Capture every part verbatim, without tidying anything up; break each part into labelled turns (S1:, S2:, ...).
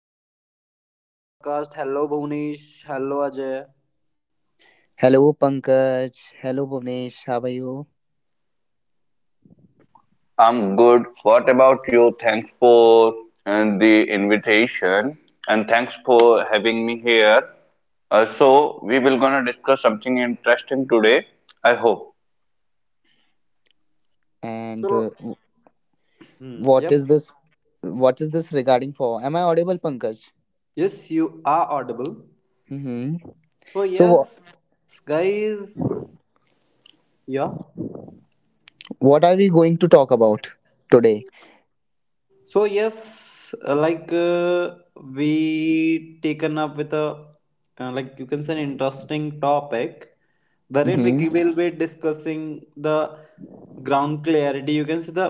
S1: guys, welcome to the podcast. Hello Bhunesh, hello Ajay.
S2: Hello, Pankaj. Hello, Bhuvnesh. How are you?
S3: I'm good. What about you? Thanks for uh, the invitation and thanks for having me here. Uh, so we will gonna discuss something interesting today. I hope.
S2: And uh,
S1: So,
S2: w-
S1: hmm,
S2: what
S1: yep,
S2: is this? What is this regarding for? Am I audible, Pankaj?
S1: yes, you are audible.
S2: Mm-hmm.
S1: So,
S2: So, wha
S1: yes, guys, yeah.
S2: what are we going to talk about today?
S1: So yes, uh, like uh, we taken up with a uh, like you can say an interesting topic, wherein we ki- will
S2: Mm-hmm.
S1: be discussing the ground clarity. You can see the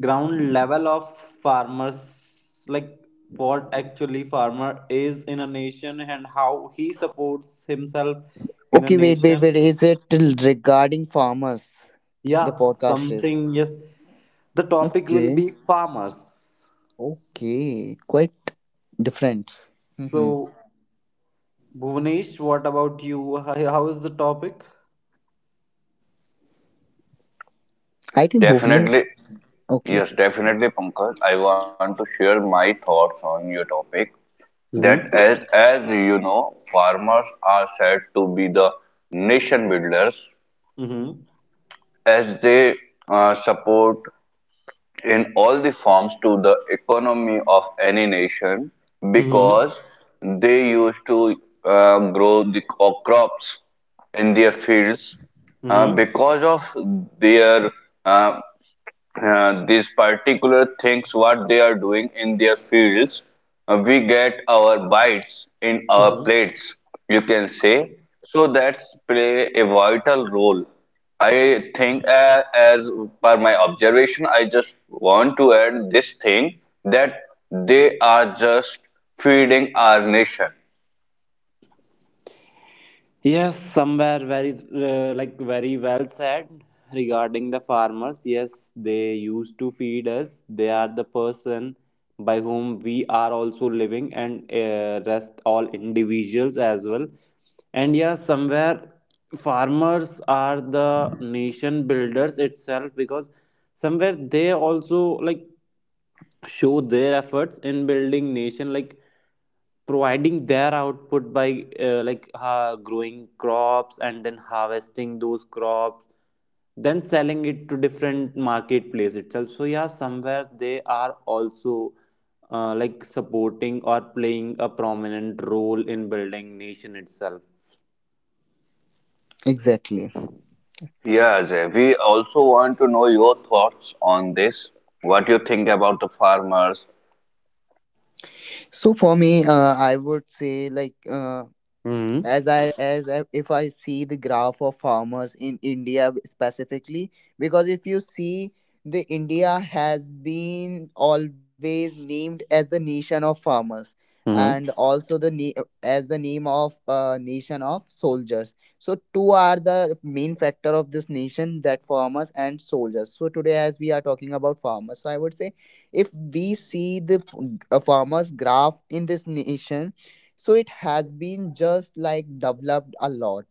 S1: ground level of farmers, like what actually farmer is in a nation and how he supports himself in a
S2: Okay, wait, wait, wait.
S1: nation.
S2: Is it till regarding farmers? The
S1: Yeah,
S2: podcast is.
S1: something yes. The topic will
S2: Okay.
S1: be farmers.
S2: Okay. Quite different. Mm-hmm.
S1: So Bhuvnesh, what about you? Hi- How is the topic?
S2: I think Bhuvnesh.
S3: Definitely,
S2: Okay.
S3: yes, definitely, Pankaj. I want to share my thoughts on your topic. That
S1: Hmm
S3: as as you know, farmers are said to be the nation builders
S1: Mm-hmm.
S3: as they uh, support in all the forms to the economy of any nation
S1: Mm-hmm.
S3: because they used to uh, grow the co- crops in their fields uh,
S1: Mm-hmm.
S3: because of their uh, uh, these particular things what they are doing in their fields uh, we get our bites in our
S1: Mm-hmm.
S3: plates you can say so that play a vital role i think uh, as per my observation I just want to add this thing that they are just feeding our nation.
S1: Yes, somewhere very uh, like very well said regarding the farmers. Yes, they used to feed us. They are the person by whom we are also living, and uh, rest all individuals as well. And yes, somewhere farmers are the nation builders itself because somewhere they also like show their efforts in building nation like providing their output by uh, like uh, growing crops and then harvesting those crops, then selling it to different marketplace itself. So yeah, somewhere they are also uh, like supporting or playing a prominent role in building nation itself.
S2: Exactly.
S3: Yeah, Ajay, we also want to know your thoughts on this. What you think about the farmers?
S2: So for me, uh, I would say like uh,
S1: Mm-hmm.
S2: as i as I, if I see the graph of farmers in india specifically, because if you see, the india has been always named as the nation of farmers,
S1: Mm-hmm.
S2: and also the na- as the name of uh, nation of soldiers. So two are the main factor of this nation, that farmers and soldiers. So today, as we are talking about farmers, so I would say, if we see the f- uh, farmers graph in this nation, so it has been just like developed a lot,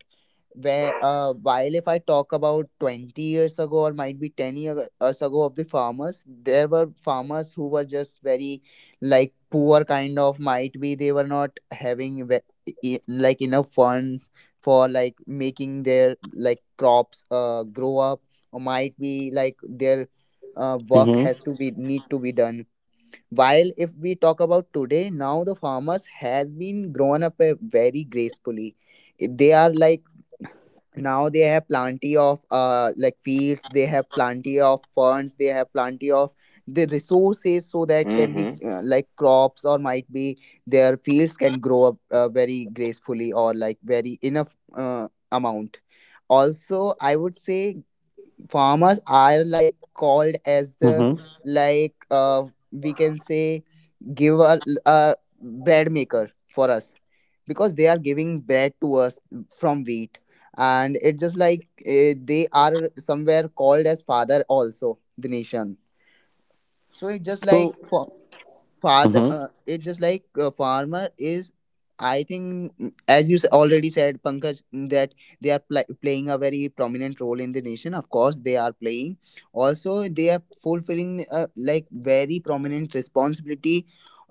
S2: where uh, while if I talk about twenty years ago or might be ten year- years ago of the farmers, there were farmers who were just very like poor kind of, might be they were not having ve- e- like enough funds for like making their like crops uh, grow up, or might be like their uh, work
S1: Mm-hmm.
S2: has to be need to be done. While if we talk about today, now the farmers has been grown up uh, very gracefully. They are like, now they have plenty of uh like fields, they have plenty of funds, they have plenty of the resources, so that can be
S3: Hmm
S2: uh, like crops, or might be their fields can grow up uh, very gracefully or like very enough uh, amount. Also, I would say farmers are like called as the
S1: Mm-hmm.
S2: like uh we can say give a, a bread maker for us, because they are giving bread to us from wheat. And it's just like uh, they are somewhere called as father also the nation. So it's just like
S1: So.
S2: for father,
S1: Mm-hmm.
S2: uh, it's just like uh, farmer is, I think mm, as you s- already said, Pankaj, mm, that they are pl- playing a very prominent role in the nation, of course they are playing. Also, they are fulfilling uh, like very prominent responsibility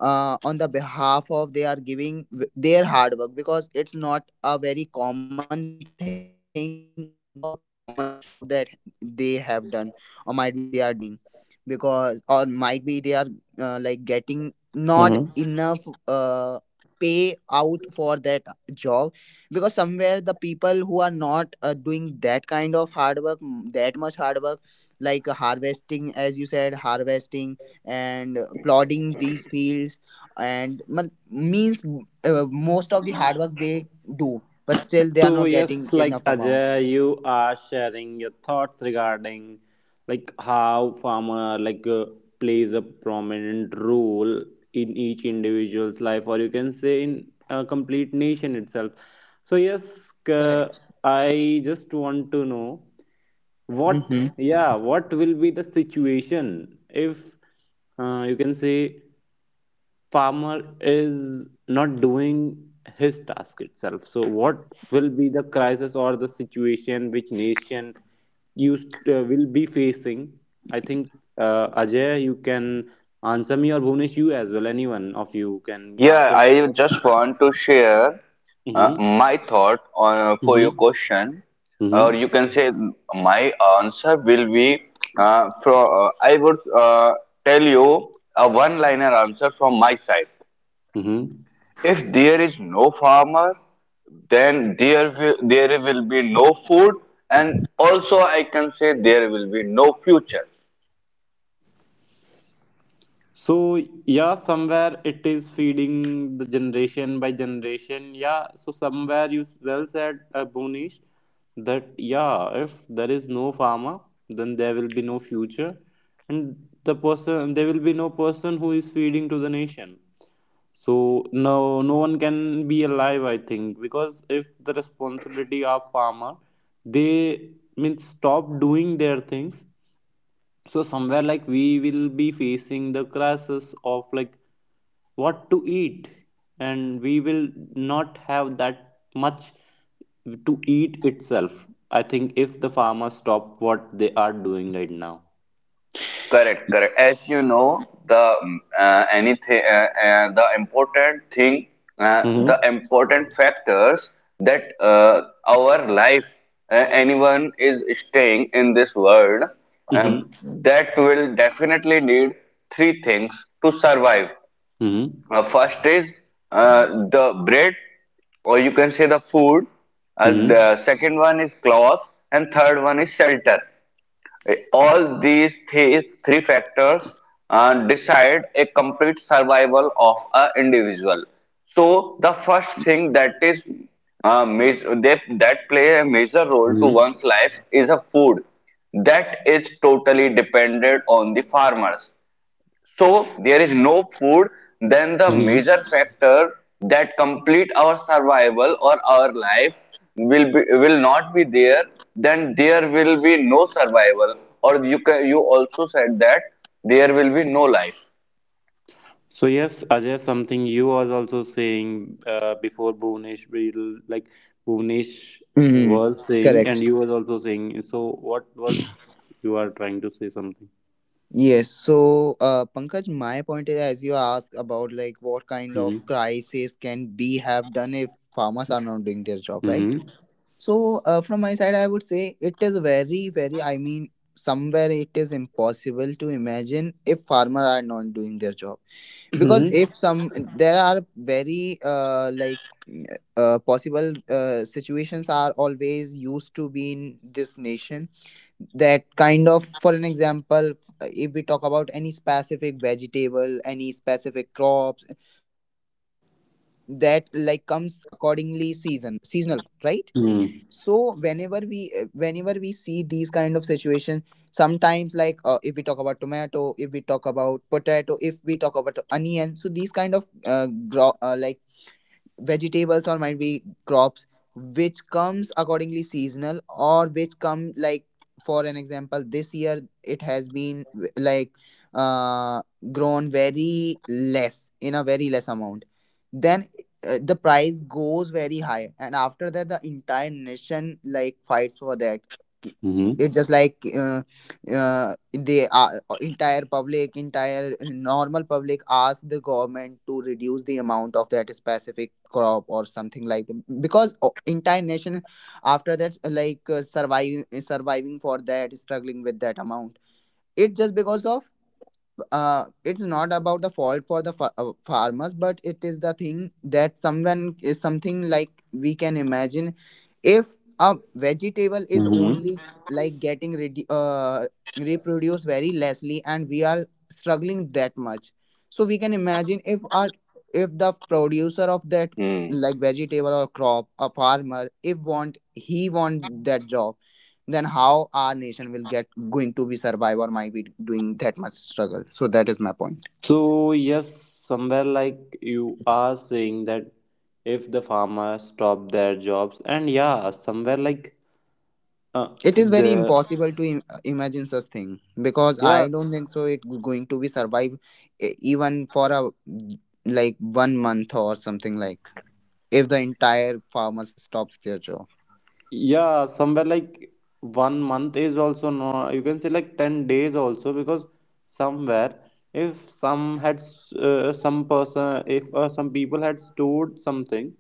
S2: uh, on the behalf of, they are giving w- their hard work, because it's not a very common thing or common job that they have done, or might be they are doing, because, or might be they are uh, like getting not enough uh, pay out for that job. Because somewhere the people who are not uh, doing that kind of hard work, m- that much hard work, like uh, harvesting, as you said, harvesting and uh, plodding these fields, and mal- means uh, most of the hard work they do, but still they are not getting
S1: So
S2: enough amount.
S1: yes, like Ajay, you are sharing your thoughts regarding like how farmer like uh, plays a prominent role in each individual's life, or you can say in a complete nation itself. So yes,
S2: Correct.
S1: uh, I just want to know what
S2: Mm-hmm.
S1: yeah what will be the situation if uh, you can say farmer is not doing his task itself, so what will be the crisis or the situation which nation used uh, will be facing. I think uh, Ajay, you can answer me, or Bhunesh, you as well. Anyone of you can
S3: Yeah,
S1: answer me
S3: I
S1: about
S3: just
S1: it.
S3: want to share uh,
S1: Mm-hmm.
S3: my thought on for your
S1: Mm-hmm.
S3: question, or
S1: Mm-hmm.
S3: you can say my answer will be uh, from uh, I would uh, tell you a one-liner answer from my side.
S1: Mm-hmm.
S3: If there is no farmer, then there will, there will be no food, and also I can say there will be no future.
S1: So yeah, somewhere it is feeding the generation by generation. Yeah, so somewhere you s- well said, uh, Bonish, that yeah, if there is no farmer, then there will be no future, and the person there will be no person who is feeding to the nation. So no, no one can be alive, I think, because if the responsibility of farmer, they mean stop doing their things, so somewhere like we will be facing the crisis of like what to eat, and we will not have that much to eat itself, I think, if the farmers stop what they are doing right now.
S3: Correct, correct. As you know, the mm, uh, anything, uh, uh, the important thing, uh, the
S1: Mm-hmm.
S3: important factors that uh, our life, uh, anyone is staying in this world,
S1: Mm-hmm.
S3: um, that will definitely need three things to survive. Uh, first is uh, the bread, or you can say the food. Uh,
S1: Mm-hmm.
S3: the second one is clothes, and third one is shelter. Eh, All these three, three factors uh, decide a complete survival of an individual. So the first thing that is uh, ma- they, that play a major role to one's life is a food that is totally dependent on the farmers. So there is no food, then the major
S1: Mm-hmm.
S3: factor that complete our survival or our life will be, will not be there. Then there will be no survival, or you can, you also said that there will be no life.
S1: So yes, Ajay, something you was also saying uh, before Bhuvnesh, will- like Bhuvnesh
S2: Mm-hmm.
S1: was saying, and
S2: Correct.
S1: you was also saying. So what was you are trying to say something?
S2: Yes, so uh, Pankaj, my point is, as you ask about like what kind of
S1: Hmm.
S2: crisis can be have done if farmers are not doing their job, right?
S1: Hmm.
S2: So uh, from my side, I would say it is very, very. I mean, somewhere it is impossible to imagine if farmer are not doing their job, because
S1: Hmm.
S2: if some, there are very uh, like uh, possible uh, situations are always used to be in this nation, that kind of. For an example, if we talk about any specific vegetable, any specific crops that like comes accordingly season seasonal, right? So
S1: Hmm.
S2: whenever we uh, whenever we see these kind of situation, sometimes like uh, if we talk about tomato, if we talk about potato, if we talk about onion, so these kind of uh, gro- uh, like vegetables or might be crops which comes accordingly seasonal or which come like, for an example, this year it has been w- like uh, grown very less in a very less amount, then uh, the price goes very high, and after that the entire nation like fights for that. It's
S1: Hmm.
S2: just like uh, uh, the uh, entire public, entire normal public ask the government to reduce the amount of that specific crop or something like that, because o- entire nation after that like uh, survive surviving for that, struggling with that amount. It's just because of uh, it's not about the fault for the fa- uh, farmers, but it is the thing that someone is something like we can imagine, if a vegetable is
S1: Hmm.
S2: only like getting redu- uh, reproduced very lessly and we are struggling that much. So we can imagine if our, if the producer of that like vegetable or crop, a farmer, if want he want that job, then how our nation will get going to be survive or might be doing that much struggle. So that is my point.
S1: So yes, somewhere like you are saying that if the farmers stop their jobs, and yeah, somewhere like uh,
S2: It is very
S1: the
S2: impossible to Im- imagine such thing, because
S1: yeah
S2: I don't think so it's going to be survive e- even for a like one month or something, like if the entire farmers stops their job.
S1: yeah, somewhere like one month is also no, you can say like ten days also, because somewhere if some had s- uh, some person, if uh, some people had stored something,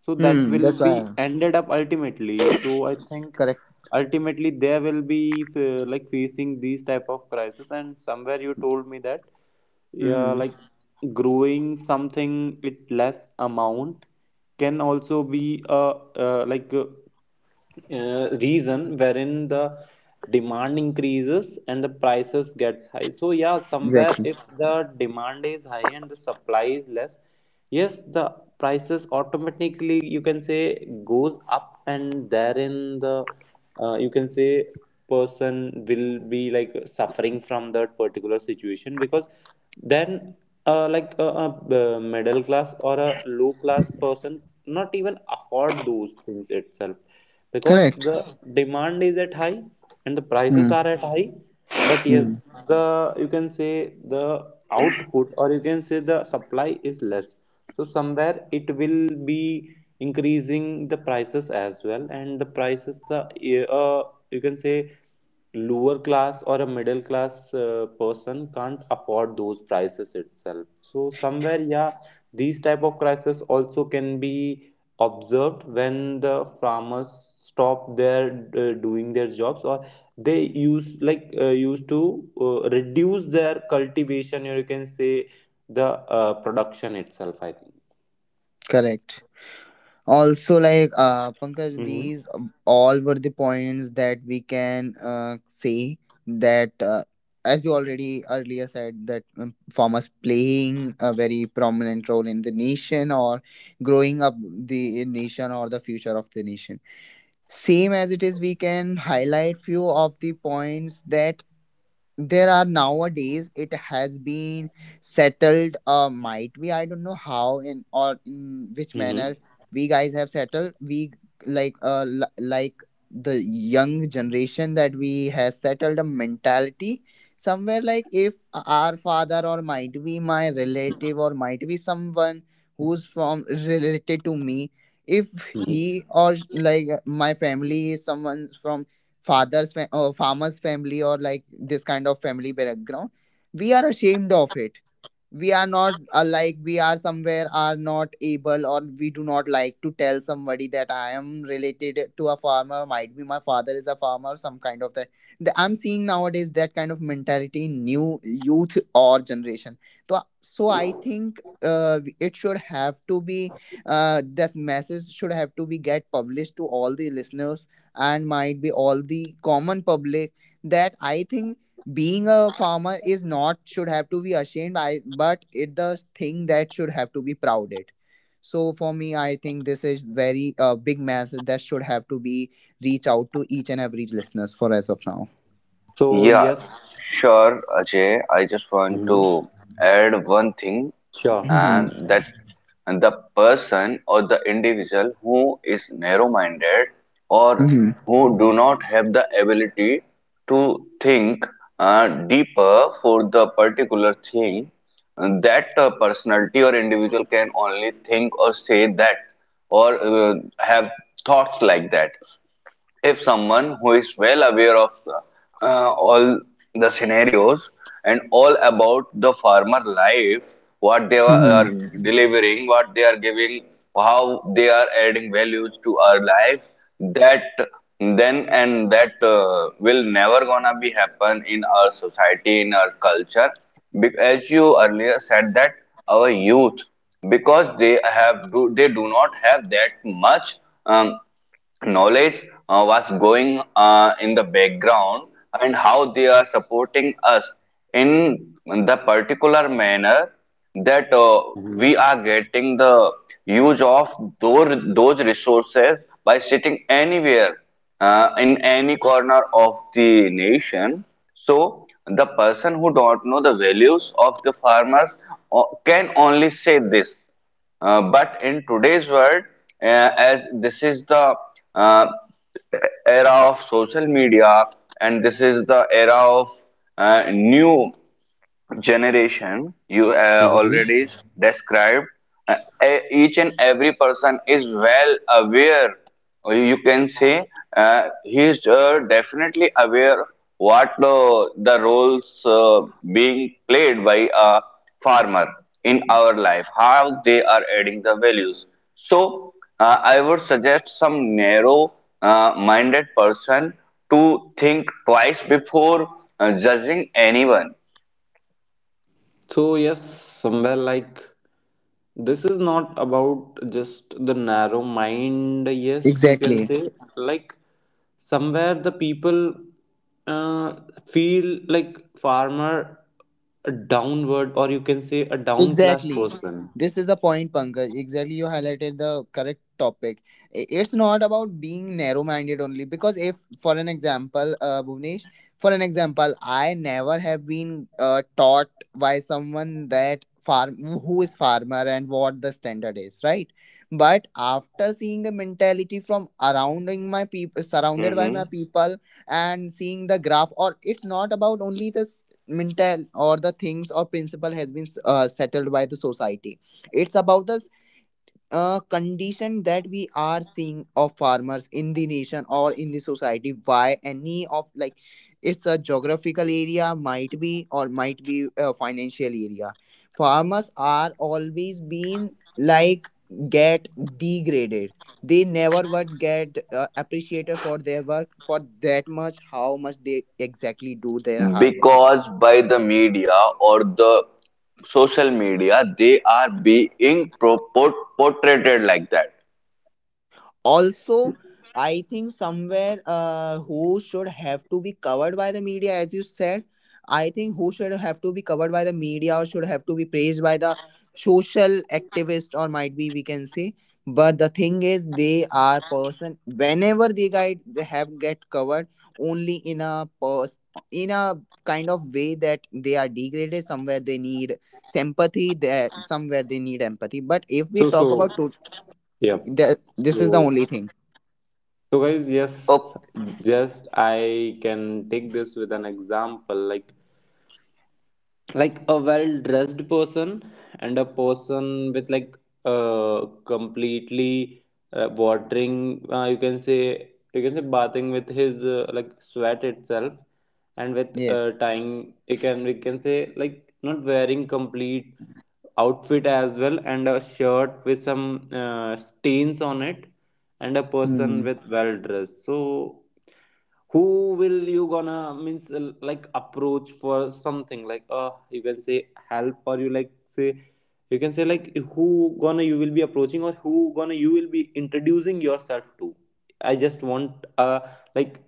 S1: so that
S2: Hmm,
S1: will
S2: that's
S1: Hmm. be
S2: why.
S1: ended up ultimately, so I think
S2: Correct.
S1: ultimately there will be f- like facing these type of crisis. And somewhere you told me that yeah,
S2: Hmm.
S1: like growing something with less amount can also be a uh, like uh, reason wherein the demand increases and the prices gets high. So yeah, somewhere
S2: Exactly.
S1: if the demand is high and the supply is less, yes the prices automatically you can say goes up, and therein the uh, you can say person will be like suffering from that particular situation, because then uh, like a, a uh, middle class or a low class person not even afford those things itself, because
S2: Correct.
S1: the demand is at high and the prices
S2: Hmm.
S1: are at high. But yes,
S2: Hmm.
S1: the you can say the output, or you can say the supply is less, so somewhere it will be increasing the prices as well, and the prices the uh, you can say lower class or a middle class uh, person can't afford those prices itself. So somewhere yeah, these type of crises also can be observed when the farmers stop their uh, doing their jobs, or they use like uh, used to uh, reduce their cultivation, or you can say the uh, production itself, I think.
S2: Correct. Also, like uh, Pankaj,
S1: Mm-hmm.
S2: these um, all were the points that we can uh, say that, uh, as you already earlier said, that um, farmers playing a very prominent role in the nation, or growing up the nation or the future of the nation. Same as it is, we can highlight few of the points that there are nowadays, it has been settled, uh might be I don't know how, in or in which
S1: Mm-hmm.
S2: manner we guys have settled. We like uh l- like the young generation, that we has settled a mentality somewhere like, if our father or might be my relative or might be someone who's from related to me, if
S1: Mm-hmm.
S2: he or like my family is someone from father's fa- uh, farmer's family or like this kind of family background, we are ashamed of it. We are not uh, like, we are somewhere are not able, or we do not like to tell somebody that I am related to a farmer, might be my father is a farmer, some kind of that. The- I'm seeing nowadays that kind of mentality in new youth or generation. So, so I think uh, it should have to be uh, that message should have to be get published to all the listeners, and might be all the common public, that I think being a farmer is not should have to be ashamed, I but it the thing that should have to be prouded. So for me, I think this is very uh, big message that should have to be reach out to each and every listeners for as of now.
S1: So
S3: Yeah,
S1: yes.
S3: sure, Ajay. I just want
S1: Mm-hmm.
S3: to add one thing,
S1: Sure.
S2: Mhm.
S3: and that's the person or the individual who is narrow-minded or
S2: Mhm.
S3: who do not have the ability to think uh, deeper for the particular thing. And that uh, personality or individual can only think or say that or uh, have thoughts like that. If someone who is well aware of the, uh, all the scenarios and all about the farmer life, what they are
S2: Mhm.
S3: delivering, what they are giving, how they are adding values to our life, that then and that uh, will never gonna be happen in our society in our culture. Be- as you earlier said that our youth, because they have do, they do not have that much um, knowledge uh, was going uh, in the background, and how they are supporting us in the particular manner, that uh,
S1: Mm-hmm.
S3: we are getting the use of those, those resources by sitting anywhere uh, in any corner of the nation. So the person who don't know the values of the farmers uh, can only say this, uh, but in today's world, uh, as this is the uh, era of social media, and this is the era of uh, new generation you uh,
S1: Mm-hmm.
S3: already described, uh, e- each and every person is well aware, or you can say uh, he is uh, definitely aware what uh, the roles uh, being played by a farmer in our life, how they are adding the values. So uh, I would suggest some narrow uh, minded person to think twice before uh, judging anyone,
S1: So yes, somewhere like this is not about just the narrow mind, yes you can
S2: Exactly.
S1: say, like somewhere the people uh, feel like farmer a downward, or you can say a down class
S2: Exactly.
S1: person.
S2: This is the point, Pankaj. Exactly, you highlighted the correct topic. I- It's not about being narrow-minded only. Because if, for an example, uh, Bhuvnesh, for an example, I never have been uh, taught by someone that farm, who is farmer and what the standard is, right? But after seeing the mentality from surrounding my people, surrounded by my people, and seeing the graph, or it's not about only this mental or the things or principle has been uh, settled by the society. It's about the uh, condition that we are seeing of farmers in the nation or in the society. Why any of like, it's a geographical area, might be, or might be a financial area, farmers are always been like get degraded. They never would get uh, appreciated for their work, for that much how much they exactly do their hard work.
S3: because by the media or the social media they are being pro- portrayed like that.
S2: Also, I think somewhere uh, who should have to be covered by the media, as you said, I think who should have to be covered by the media or should have to be praised by the social activist, or might be we can say, but the thing is they are person whenever they guide they have get covered only in a pers- in a kind of way that they are degraded, somewhere they need sympathy, there somewhere they need empathy. But if we
S1: So
S2: talk
S1: so
S2: about to-
S1: yeah,
S2: the, this is the
S1: so
S2: only thing.
S1: so guys, yes,
S3: Oh,
S1: just I can take this with an example like like a well dressed person and a person with like uh completely uh, watering, uh, you can say you can say bathing with his uh, like sweat itself, and with
S2: Yes.
S1: uh, tying, you can we can say like not wearing complete outfit as well, and a shirt with some uh, stains on it, and a person
S2: Hmm.
S1: with well dressed. So who will you gonna means l- like approach for something like uh you can say help, or you like say, you can say like who gonna you will be approaching, or who gonna you will be introducing yourself to? I just want uh like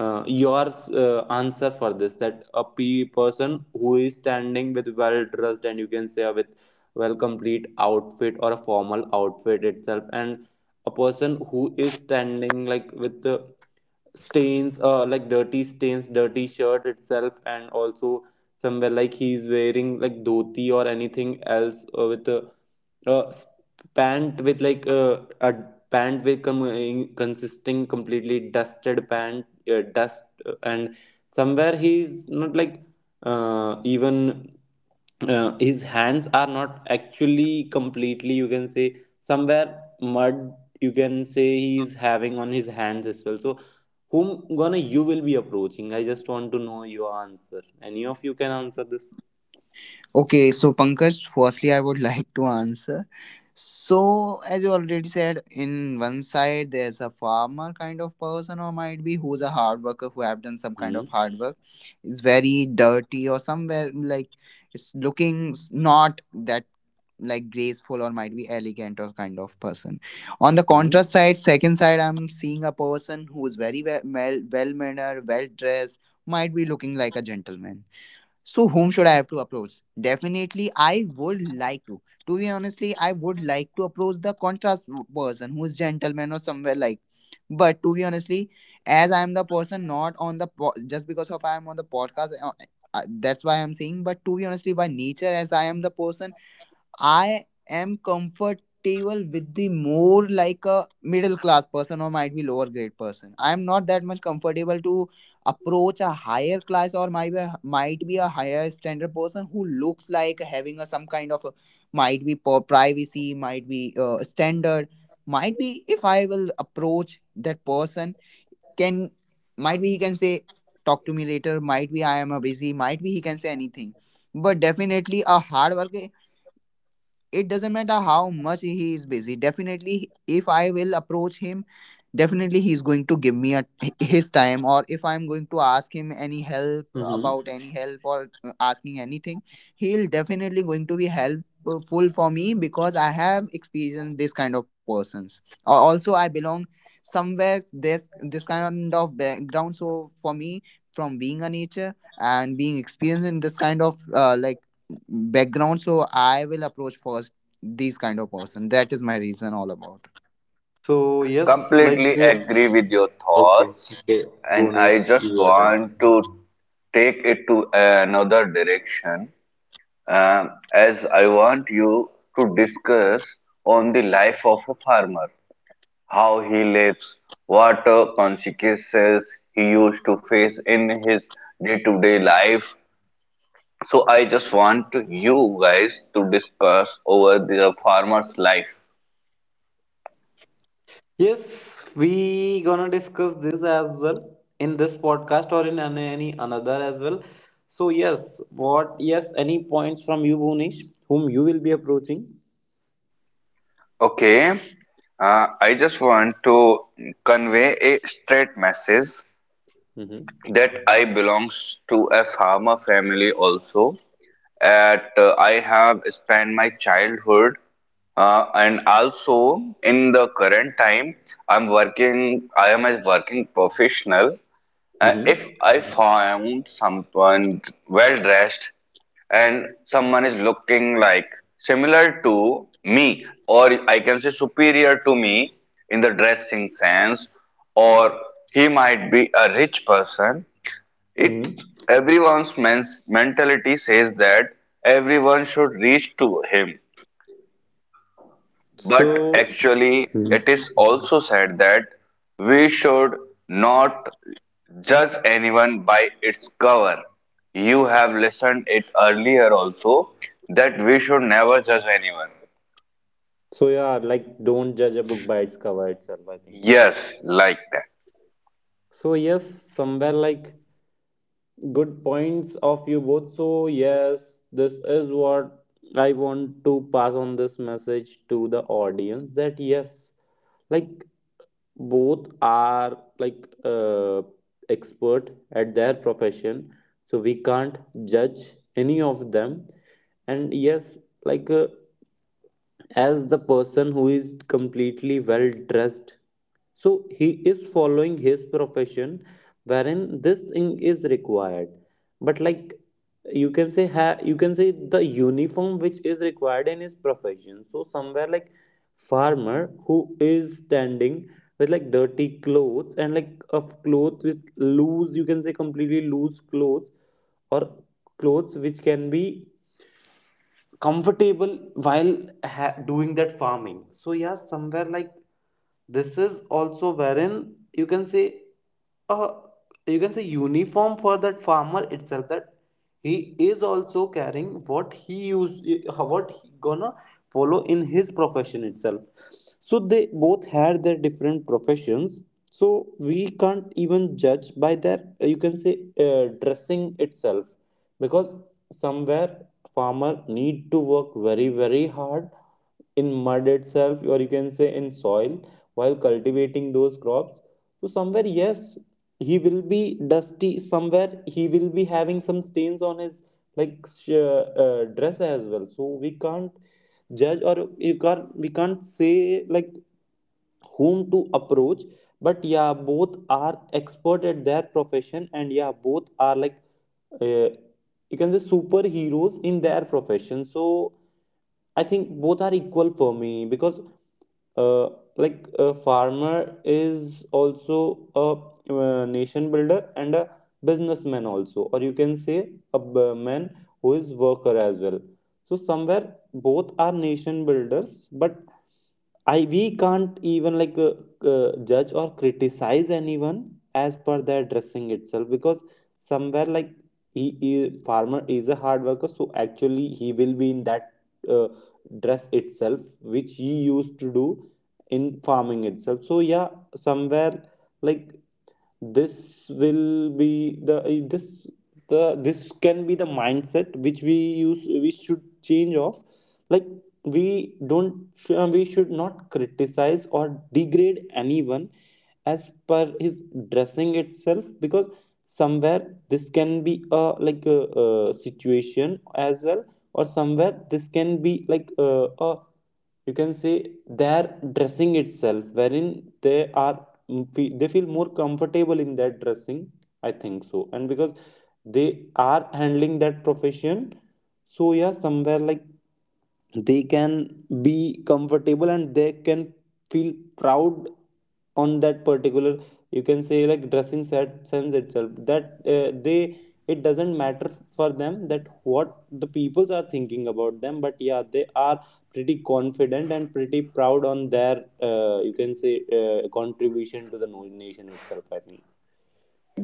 S1: uh, your uh, answer for this, that a p person who is standing with well dressed and you can say uh, with well complete outfit or a formal outfit itself, and a person who is standing like with the stains, uh, like dirty stains, dirty shirt itself, and also somewhere like he's wearing like dhoti or anything else uh, with a uh, s- pant with like uh, a pant with com- in- consisting completely dusted pant, uh, dust uh, and somewhere he's not like uh, even uh, his hands are not actually completely you can say somewhere mud, you can say he's having on his hands as well. So whom gonna you will be approaching? I just want to know your answer, any of you can answer this.
S2: Okay, so Pankaj, firstly, I would like to answer. So, as you already said, in one side there's a farmer kind of person, or might be who's a hard worker who have done some kind
S1: Hmm.
S2: of hard work. It's very dirty, or somewhere like it's looking s- not that like graceful or might be elegant or kind of person. On the
S1: Hmm.
S2: contrast side, second side, I'm seeing a person who's very well, well mannered, well dressed, might be looking like a gentleman. So whom should I have to approach? Definitely, I would like to. To be honestly, I would like to approach the contrast person who is gentleman or somewhere like. But to be honestly, as I am the person not on the po- just because of I am on the podcast, uh, uh, that's why I am saying. But to be honestly, by nature, as I am the person, I am comfortable with the more like a middle class person or might be lower grade person. I am not that much comfortable to approach a higher class or might be, might be a higher standard person who looks like having a some kind of a, might be po- privacy, might be uh, standard, might be if I will approach that person can, might be he can say talk to me later, might be I am a busy, might be he can say anything. But definitely a hard worker, it doesn't matter how much he is busy, definitely if I will approach him, definitely he's going to give me a, his time, or if I'm going to ask him any help
S1: Mhm.
S2: about any help or uh, asking anything, he'll definitely going to be helpful for me because I have experienced this kind of persons. Al- also I belong somewhere this this kind of background, so for me, from being a nature and being experienced in this kind of uh, like background, so I will approach first these kind of person. That is my reason all about.
S1: So yes, like
S3: completely
S1: uh,
S3: agree with your
S1: okay,
S3: thoughts,
S1: okay,
S3: and I
S1: Bhunesh,
S3: just
S1: your turn.
S3: want to take it to another direction. Um, as i want you to discuss on the life of a farmer, how he lives, what uh, consequences he used to face in his day-to-day life. So I just want to you guys to discuss over the farmer's life.
S1: Yes, we gonna discuss this as well in this podcast or in an- any another as well. So yes, what yes, any points from you, Bhunesh, whom you will be approaching?
S3: Okay. Uh, I just want to convey a straight message
S1: Mm-hmm.
S3: that I belongs to a farmer family also. At uh, I have spent my childhood uh, and also in the current time I'm working. I am a working professional. Uh,
S1: Mm-hmm.
S3: if I found someone well dressed, and someone is looking like similar to me, or I can say superior to me in the dressing sense, or he might be a rich person, it
S1: Hmm.
S3: everyone's mens- mentality says that everyone should reach to him. But
S1: So.
S3: actually, it
S1: Mhm.
S3: is also said that we should not judge anyone by its cover. You have listened it earlier also that we should never judge anyone.
S1: So yeah, like don't judge a book by its cover itself, I think.
S3: Yes, like that.
S1: So yes, somewhere like good points of you both. So yes, this is what I want to pass on this message to the audience, that yes, like both are like uh, expert at their profession, so we can't judge any of them. And yes, like uh, as the person who is completely well dressed, so he is following his profession wherein this thing is required, but like you can say, ha- you can say the uniform which is required in his profession. So somewhere like farmer who is standing with like dirty clothes and like of clothes with loose, you can say completely loose clothes, or clothes which can be comfortable while ha- doing that farming. So yeah, somewhere like this is also wherein you can say, uh, you can say uniform for that farmer itself, that he is also carrying what he use, uh, what he gonna follow in his profession itself. So they both had their different professions, so we can't even judge by their uh, you can say uh, dressing itself, because somewhere farmer need to work very very hard in mud itself, or you can say in soil, while cultivating those crops. So somewhere yes, he will be dusty, somewhere he will be having some stains on his like sh- uh, dress as well, so we can't judge, or you can't we can't say like whom to approach. But yeah, both are expert at their profession, and yeah, both are like uh, you can say superheroes in their profession. So I think both are equal for me, because uh, like a farmer is also a, uh nation builder and a businessman also, or you can say a b- man who is worker as well. So somewhere both are nation builders, but I we can't even like uh, uh, judge or criticize anyone as per their dressing itself, because somewhere like he, he- farmer is a hard worker, so actually he will be in that uh, dress itself which he used to do in farming itself. So yeah, somewhere like this will be the eh, this the this can be the mindset which we use we should change off, like we don't uh, we should not criticize or degrade anyone as per his dressing itself, because somewhere this can be a like a, a situation as well, or somewhere this can be like uh, a you can say their dressing itself wherein they are mm, they feel more comfortable in that dressing, I think so, and because they are handling that profession. So yeah, somewhere like they can be comfortable, and they can feel proud on that particular you can say like dressing set Sense itself, that uh, they, it doesn't matter for them that what the peoples are thinking about them, but yeah, they are pretty confident and pretty proud on their uh, you can say uh, contribution to the no- nation itself, I think.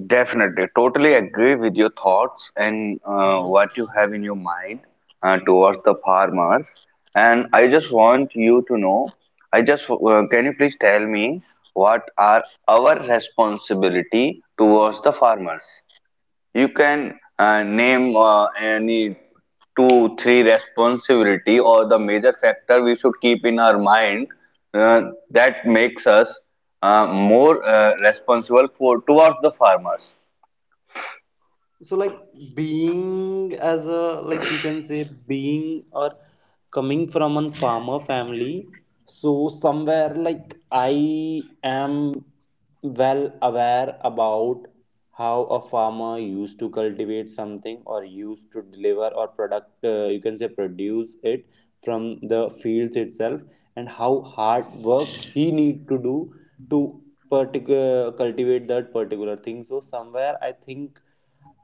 S3: Definitely, totally agree with your thoughts and uh,
S1: Mhm.
S3: what you have in your mind uh, towards the farmers. And I just want you to know, I just uh, can you please tell me what are our responsibility towards the farmers? You can uh, name uh, any two, three responsibility or the major factor we should keep in our mind uh, that makes us uh, more uh, responsible for towards the farmers.
S1: So like, being as a, like you can say, being or coming from a farmer family, so somewhere like I am well aware about how a farmer used to cultivate something or used to deliver or product, uh, you can say produce it from the fields itself, and how hard work he need to do to particular cultivate that particular thing. So somewhere I think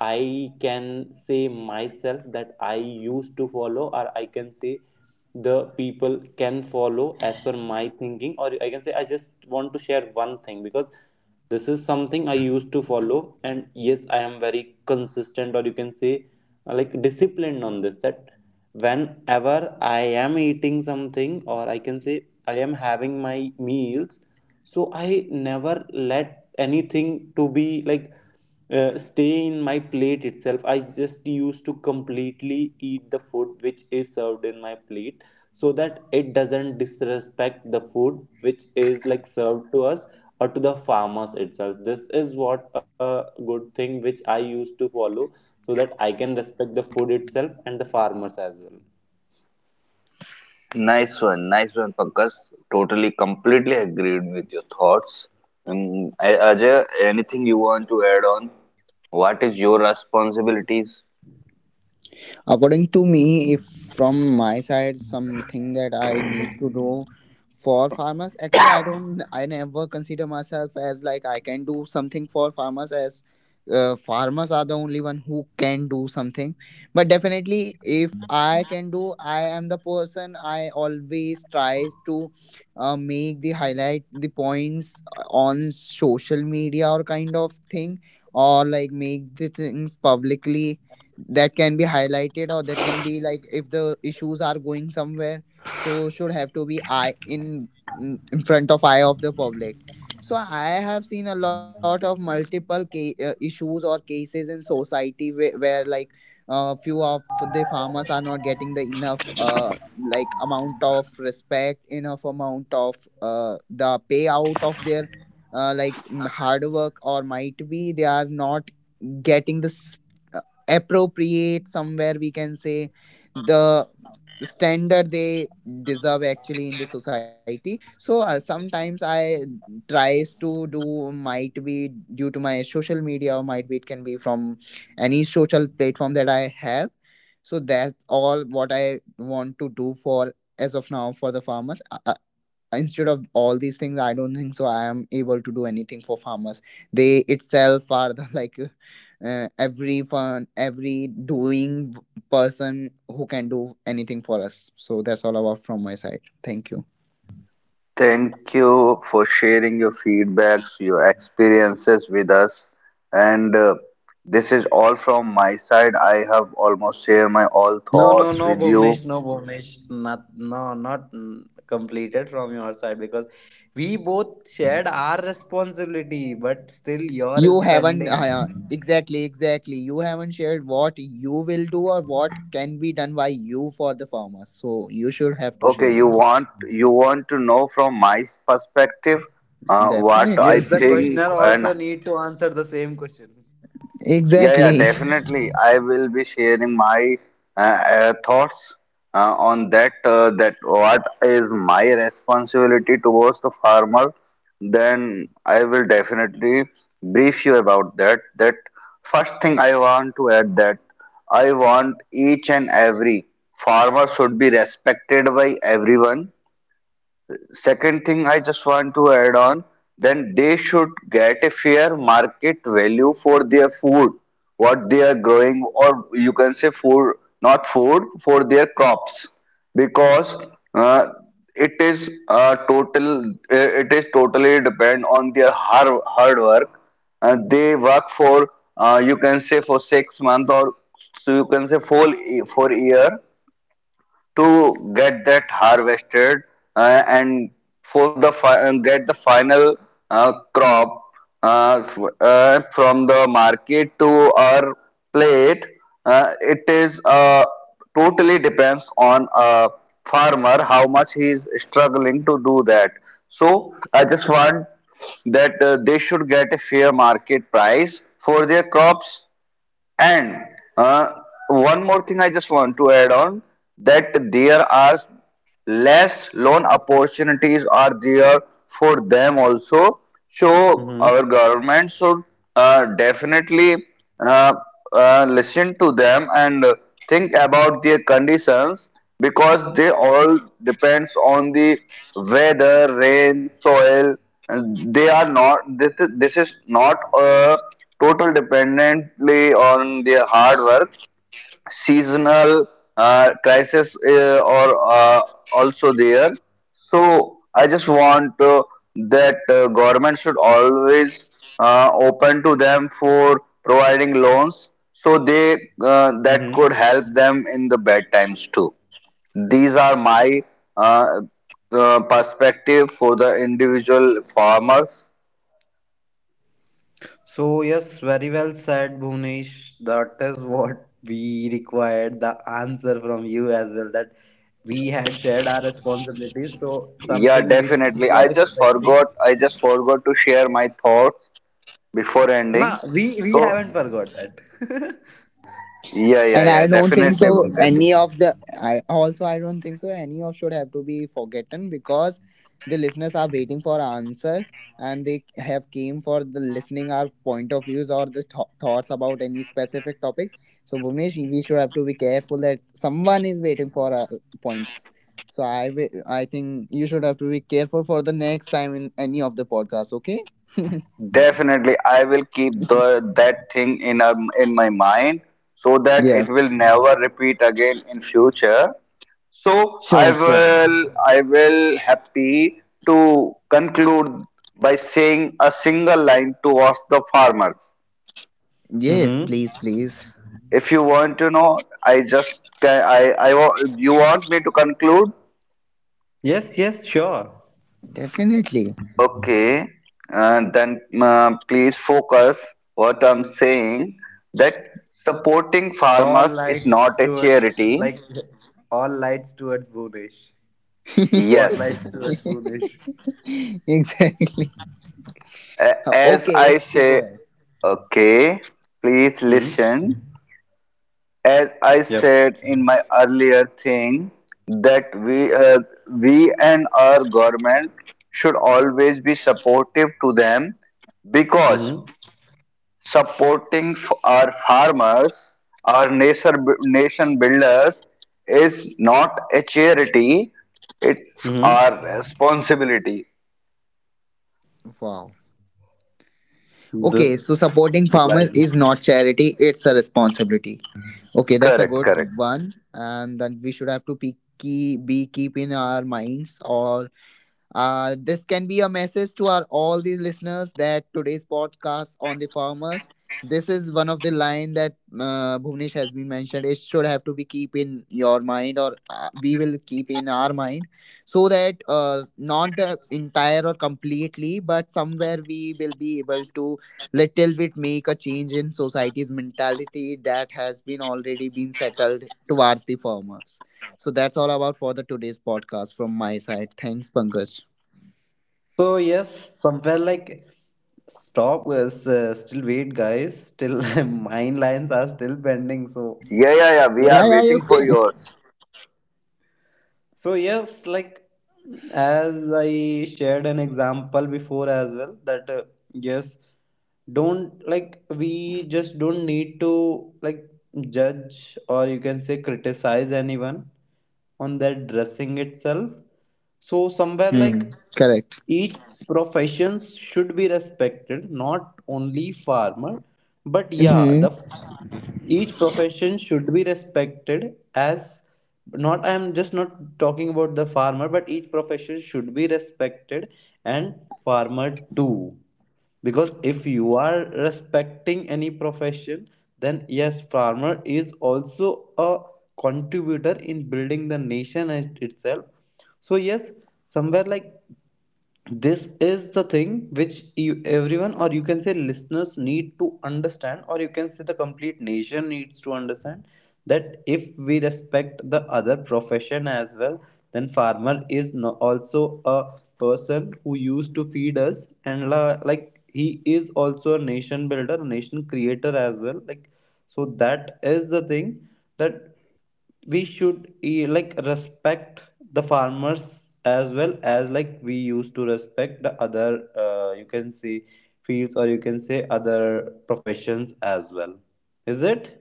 S1: I can say myself that I used to follow, or I can say the people can follow as per my thinking, or I can say I just want to share one thing, because this is something I used to follow, and yes, I am very consistent, or you can say uh, like disciplined on this, that whenever I am eating something, or I can say I am having my meals, so I never let anything to be like uh, stay in my plate itself. I just used to completely eat the food which is served in my plate, so that it doesn't disrespect the food which is like served to us or to the farmers itself. This is what a good thing which I used to follow, so that I can respect the food itself and the farmers as well.
S3: Nice one, nice one, Pankaj. Totally, completely agreed with your thoughts. Um, A- Ajay, anything you want to add on? What is your responsibilities?
S2: According to me, if from my side something that I need to do for farmers, actually I don't I never consider myself as like I can do something for farmers, as uh, farmers are the only one who can do something. But definitely if I can do, I am the person, I always tries to uh, make the highlight the points uh, on social media or kind of thing, or like make the things publicly that can be highlighted, or that can be like if the issues are going somewhere, so should have to be eye in, mm, in front of eye of the public. So I have seen a lot of multiple ca- uh, issues or cases in society where, where like uh, few of the farmers are not getting the enough uh, like amount of respect, enough amount of uh, the payout of their uh, like mm, hard work, or might be they are not getting this appropriate, somewhere we can say the standard they deserve actually in the society. So uh, sometimes I tries to do, might be due to my social media or might be it can be from any social platform that I have. So that's all what I want to do for as of now for the farmers. Uh, uh, instead of all these things, I don't think so I am able to do anything for farmers. They itself are the like uh, every fun, every doing person who can do anything for us. So that's all about from my side. Thank you.
S3: Thank you for sharing your feedbacks, your experiences with us. And uh, this is all from my side. I have almost shared my all
S1: No, no,
S3: thoughts
S1: no,
S3: with you.
S1: Bhuvnesh, no, Bhuvnesh, not, no, not mm, completed from your side, because we both shared our responsibility, but still your
S2: You
S1: is
S2: haven't uh, yeah,
S1: pending.
S2: exactly, exactly, you haven't shared what you will do or what can be done by you for the farmers, so you should have to
S3: Okay,
S2: share
S3: you want you want to know from my s- perspective uh, what I
S1: Yes,
S2: definitely.
S1: the
S3: think
S1: questioner
S3: and
S1: also need to answer the same question.
S3: yeah, yeah,
S2: Exactly.
S3: definitely. I will be sharing my uh, uh, thoughts uh, on that. Uh, that what is my responsibility towards the farmer? Then I will definitely brief you about that. That first thing I want to add that I want each and every farmer should be respected by everyone. Second thing I just want to add on, then they should get a fair market value for their food, what they are growing, or you can say food, not food, for their crops, because uh, it is uh, total, uh, it is totally depend on their hard hard work. Uh, they work for, uh, you can say for six months or so, you can say for for year to get that harvested uh, and for the get the final uh, crop, uh, uh, from the market to our plate. Uh, it is uh, totally depends on a farmer how much he is struggling to do that. So I just want that uh, they should get a fair market price for their crops. And uh, one more thing I just want to add on, that there are less loan opportunities are there for them also. So
S1: Mm-hmm.
S3: our government should uh, definitely uh, uh, listen to them and think about their conditions, because they all depends on the weather, rain, soil. And they are not. This is, this is not a total dependently on their hard work. Seasonal uh, crisis uh, or uh, also there. So I just want uh, that uh, government should always uh, open to them for providing loans, so they uh, that
S1: Mm-hmm.
S3: could help them in the bad times too. These are my uh, uh, perspective for the individual farmers.
S1: So yes, very well said, Bhuvnesh. That is what we required the answer from you as well. That we had shared our responsibilities, so
S3: Yeah,
S1: something which we
S3: definitely.
S1: were
S3: I just
S1: expecting.
S3: forgot. I just forgot to share my thoughts before ending.
S1: Nah, we we
S3: So
S1: haven't forgot that.
S3: yeah, yeah,
S2: And I
S3: yeah.
S2: don't think
S3: Definitely,
S2: so.
S3: Pankaj.
S2: Any of the, I also I don't think so, any of should have to be forgotten, because the listeners are waiting for answers and they have came for the listening our point of views or the th- thoughts about any specific topic. So Bhuvnesh, we should have to be careful that someone is waiting for our points. So I wi- I think you should have to be careful for the next time in any of the podcasts. Okay.
S3: Definitely, I will keep the that thing in um, in my mind so that
S2: Yeah.
S3: it will never repeat again in future. So I
S2: Sure. Sure.
S3: will I will happy to conclude by saying a single line towards the farmers.
S2: Yes.
S1: Mm-hmm.
S2: Please. Please.
S3: If you want to know, I just ca- I I wa- you want me to conclude?
S1: Yes, yes, sure.
S2: Definitely.
S3: Okay, uh, then uh, please focus what I'm saying that supporting
S1: All
S3: farmers is
S1: lights
S3: not a
S1: towards,
S3: charity.
S1: like, all lights towards Boonish.
S3: Yes,
S1: Spotlights towards Boonish.
S2: Exactly.
S3: A-
S2: Uh,
S3: as
S2: Okay,
S3: I
S2: okay, go
S3: say,
S2: ahead.
S3: okay, please
S1: Hmm.
S3: listen. As I
S1: Yep.
S3: said in my earlier thing, that we uh, we and our government should always be supportive to them, because
S1: Mm-hmm.
S3: supporting f- our farmers, our nation nation builders is not a charity; it's
S1: Mm-hmm.
S3: our responsibility.
S2: Wow. Okay, so
S1: This
S2: supporting farmers
S1: line.
S2: is not charity, it's a responsibility. Okay, that's a
S3: Correct,
S2: good
S3: correct.
S2: one. And that we should have to be, keep, be keep in our minds or, Uh, this can be a message to our all the listeners that today's podcast on the farmers. This is one of the line that uh, Bhuvnesh has been mentioned. It should have to be keep in your mind, or uh, we will keep in our mind, so that uh, not the entire or completely, but somewhere we will be able to little bit make a change in society's mentality that has been already been settled towards the farmers. So that's all about for the today's podcast from my side. Thanks, Pankaj.
S1: So yes, somewhere like stop is uh, still wait guys. Still mine lines are still pending. So
S3: Yeah, yeah, yeah. We
S2: Yeah,
S3: are
S1: yes.
S2: yeah, you
S3: waiting for
S2: can.
S3: yours.
S1: So, yes, like as I shared an example before as well, that uh, yes, don't like, we just don't need to like judge or you can say criticize anyone on their dressing itself. So, somewhere
S2: Hmm.
S1: like
S2: Correct.
S1: each professions should be respected, not only farmer, but yeah, the
S2: Mm-hmm.
S1: each profession should be respected as, not I am just not talking about the farmer, but each profession should be respected, and farmer too, because if you are respecting any profession, then yes, farmer is also a contributor in building the nation it- itself. So yes, somewhere like this is the thing which you, everyone, or you can say listeners need to understand, or you can say the complete nation needs to understand, that if we respect the other profession as well, then farmer is no, also a person who used to feed us, and la, like he is also a nation builder, a nation creator as well, like. So that is the thing, that we should eh, like respect the farmers as well as like we used to respect the other uh, you can see fields, or you can say other professions as well. Is it?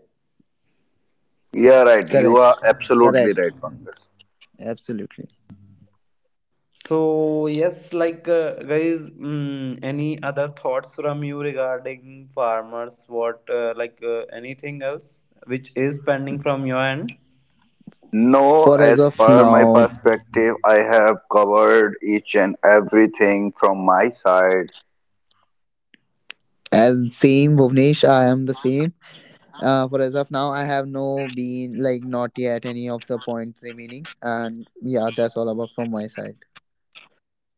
S3: Yeah, right. You are
S2: Correct.
S3: absolutely
S2: Correct.
S3: right, Pankaj.
S2: Absolutely.
S1: So yes, like uh, guys mm, any other thoughts from you regarding farmers, what uh, like uh, anything else which is pending from your end?
S3: No,
S2: For as
S3: as
S2: of
S3: per my
S2: now,
S3: perspective, I have covered each and everything from my side.
S2: as same Bhuvnesh, I am the same. Uh, for as of now, I have no been like not yet any of the points remaining, and yeah, that's all about from my side.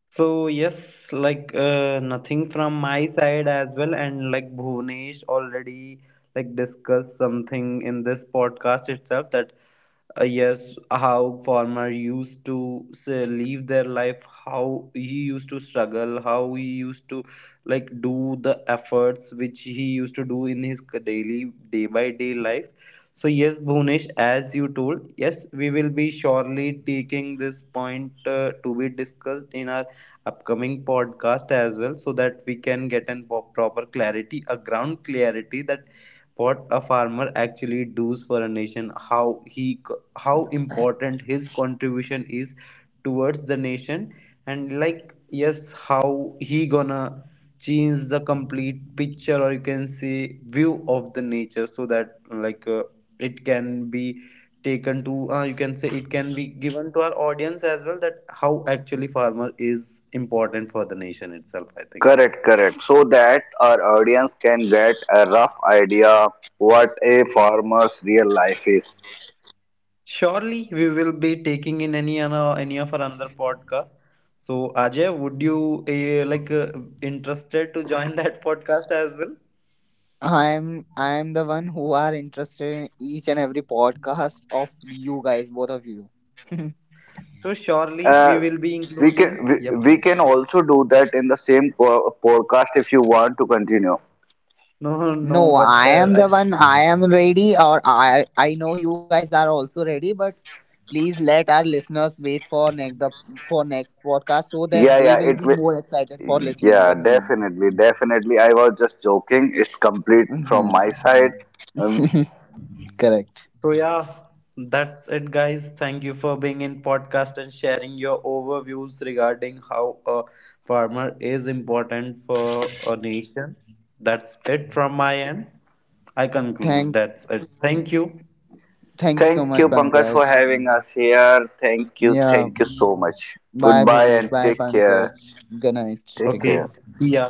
S1: So yes, like uh, nothing from my side as well, and like Bhunesh already like discussed something in this podcast itself, that uh, yes, how farmer used to say, live their life, how he used to struggle, how he used to like do the efforts which he used to do in his daily day by day life. So yes, Bhunesh, as you told, yes, we will be surely taking this point uh, to be discussed in our upcoming podcast as well, so that we can get an po- proper clarity, a ground clarity, that what a farmer actually does for a nation, how he co- how important his contribution is towards the nation, and like, yes, how he gonna change the complete picture, or you can say view of the nature, so that like uh, it can be taken to uh, you can say it can be given to our audience as well, that how actually farmer is important for the nation itself, I think.
S3: Correct, correct. So that our audience can get a rough idea what a farmer's real life is.
S1: Surely we will be taking in any ano- any of our another podcast. So Ajay, would you uh, like uh, interested to join that podcast as well?
S2: I'm I'm the one who are interested in each and every podcast of you guys, both of you.
S1: So surely
S3: Uh,
S1: we will be
S3: we
S1: including.
S3: can we,
S1: Yep.
S3: we can also do that in the same co- podcast if you want to continue.
S1: No, no, no,
S2: No,
S1: but
S2: I
S1: uh,
S2: am
S1: I.
S2: the one. I am ready, or I I know you guys are also ready. But please let our listeners wait for next the for next podcast so that
S3: Yeah,
S2: they
S3: yeah,
S2: will
S3: it
S2: be
S3: will.
S2: more excited for listening the
S3: Yeah,
S2: same.
S3: definitely, definitely. I was just joking. It's complete from
S2: Mm-hmm.
S3: my side. Um,
S2: Correct.
S1: So yeah, that's it guys. Thank you for being in podcast and sharing your overviews regarding how a farmer is important for a nation. That's it from my end. I conclude.
S2: Thank
S1: That's it. Thank you.
S2: thank you so
S3: Thank
S2: much,
S3: you, Pankaj, for
S2: Pankaj.
S3: having us here. Thank you,
S2: Yeah.
S3: thank you so much.
S2: Bye,
S3: Goodbye
S2: Bhuvnesh.
S3: and
S2: Bye,
S3: take care.
S2: Pankaj. Good night.
S3: Take
S2: Take
S1: Okay.
S2: care.
S3: care.
S1: See ya.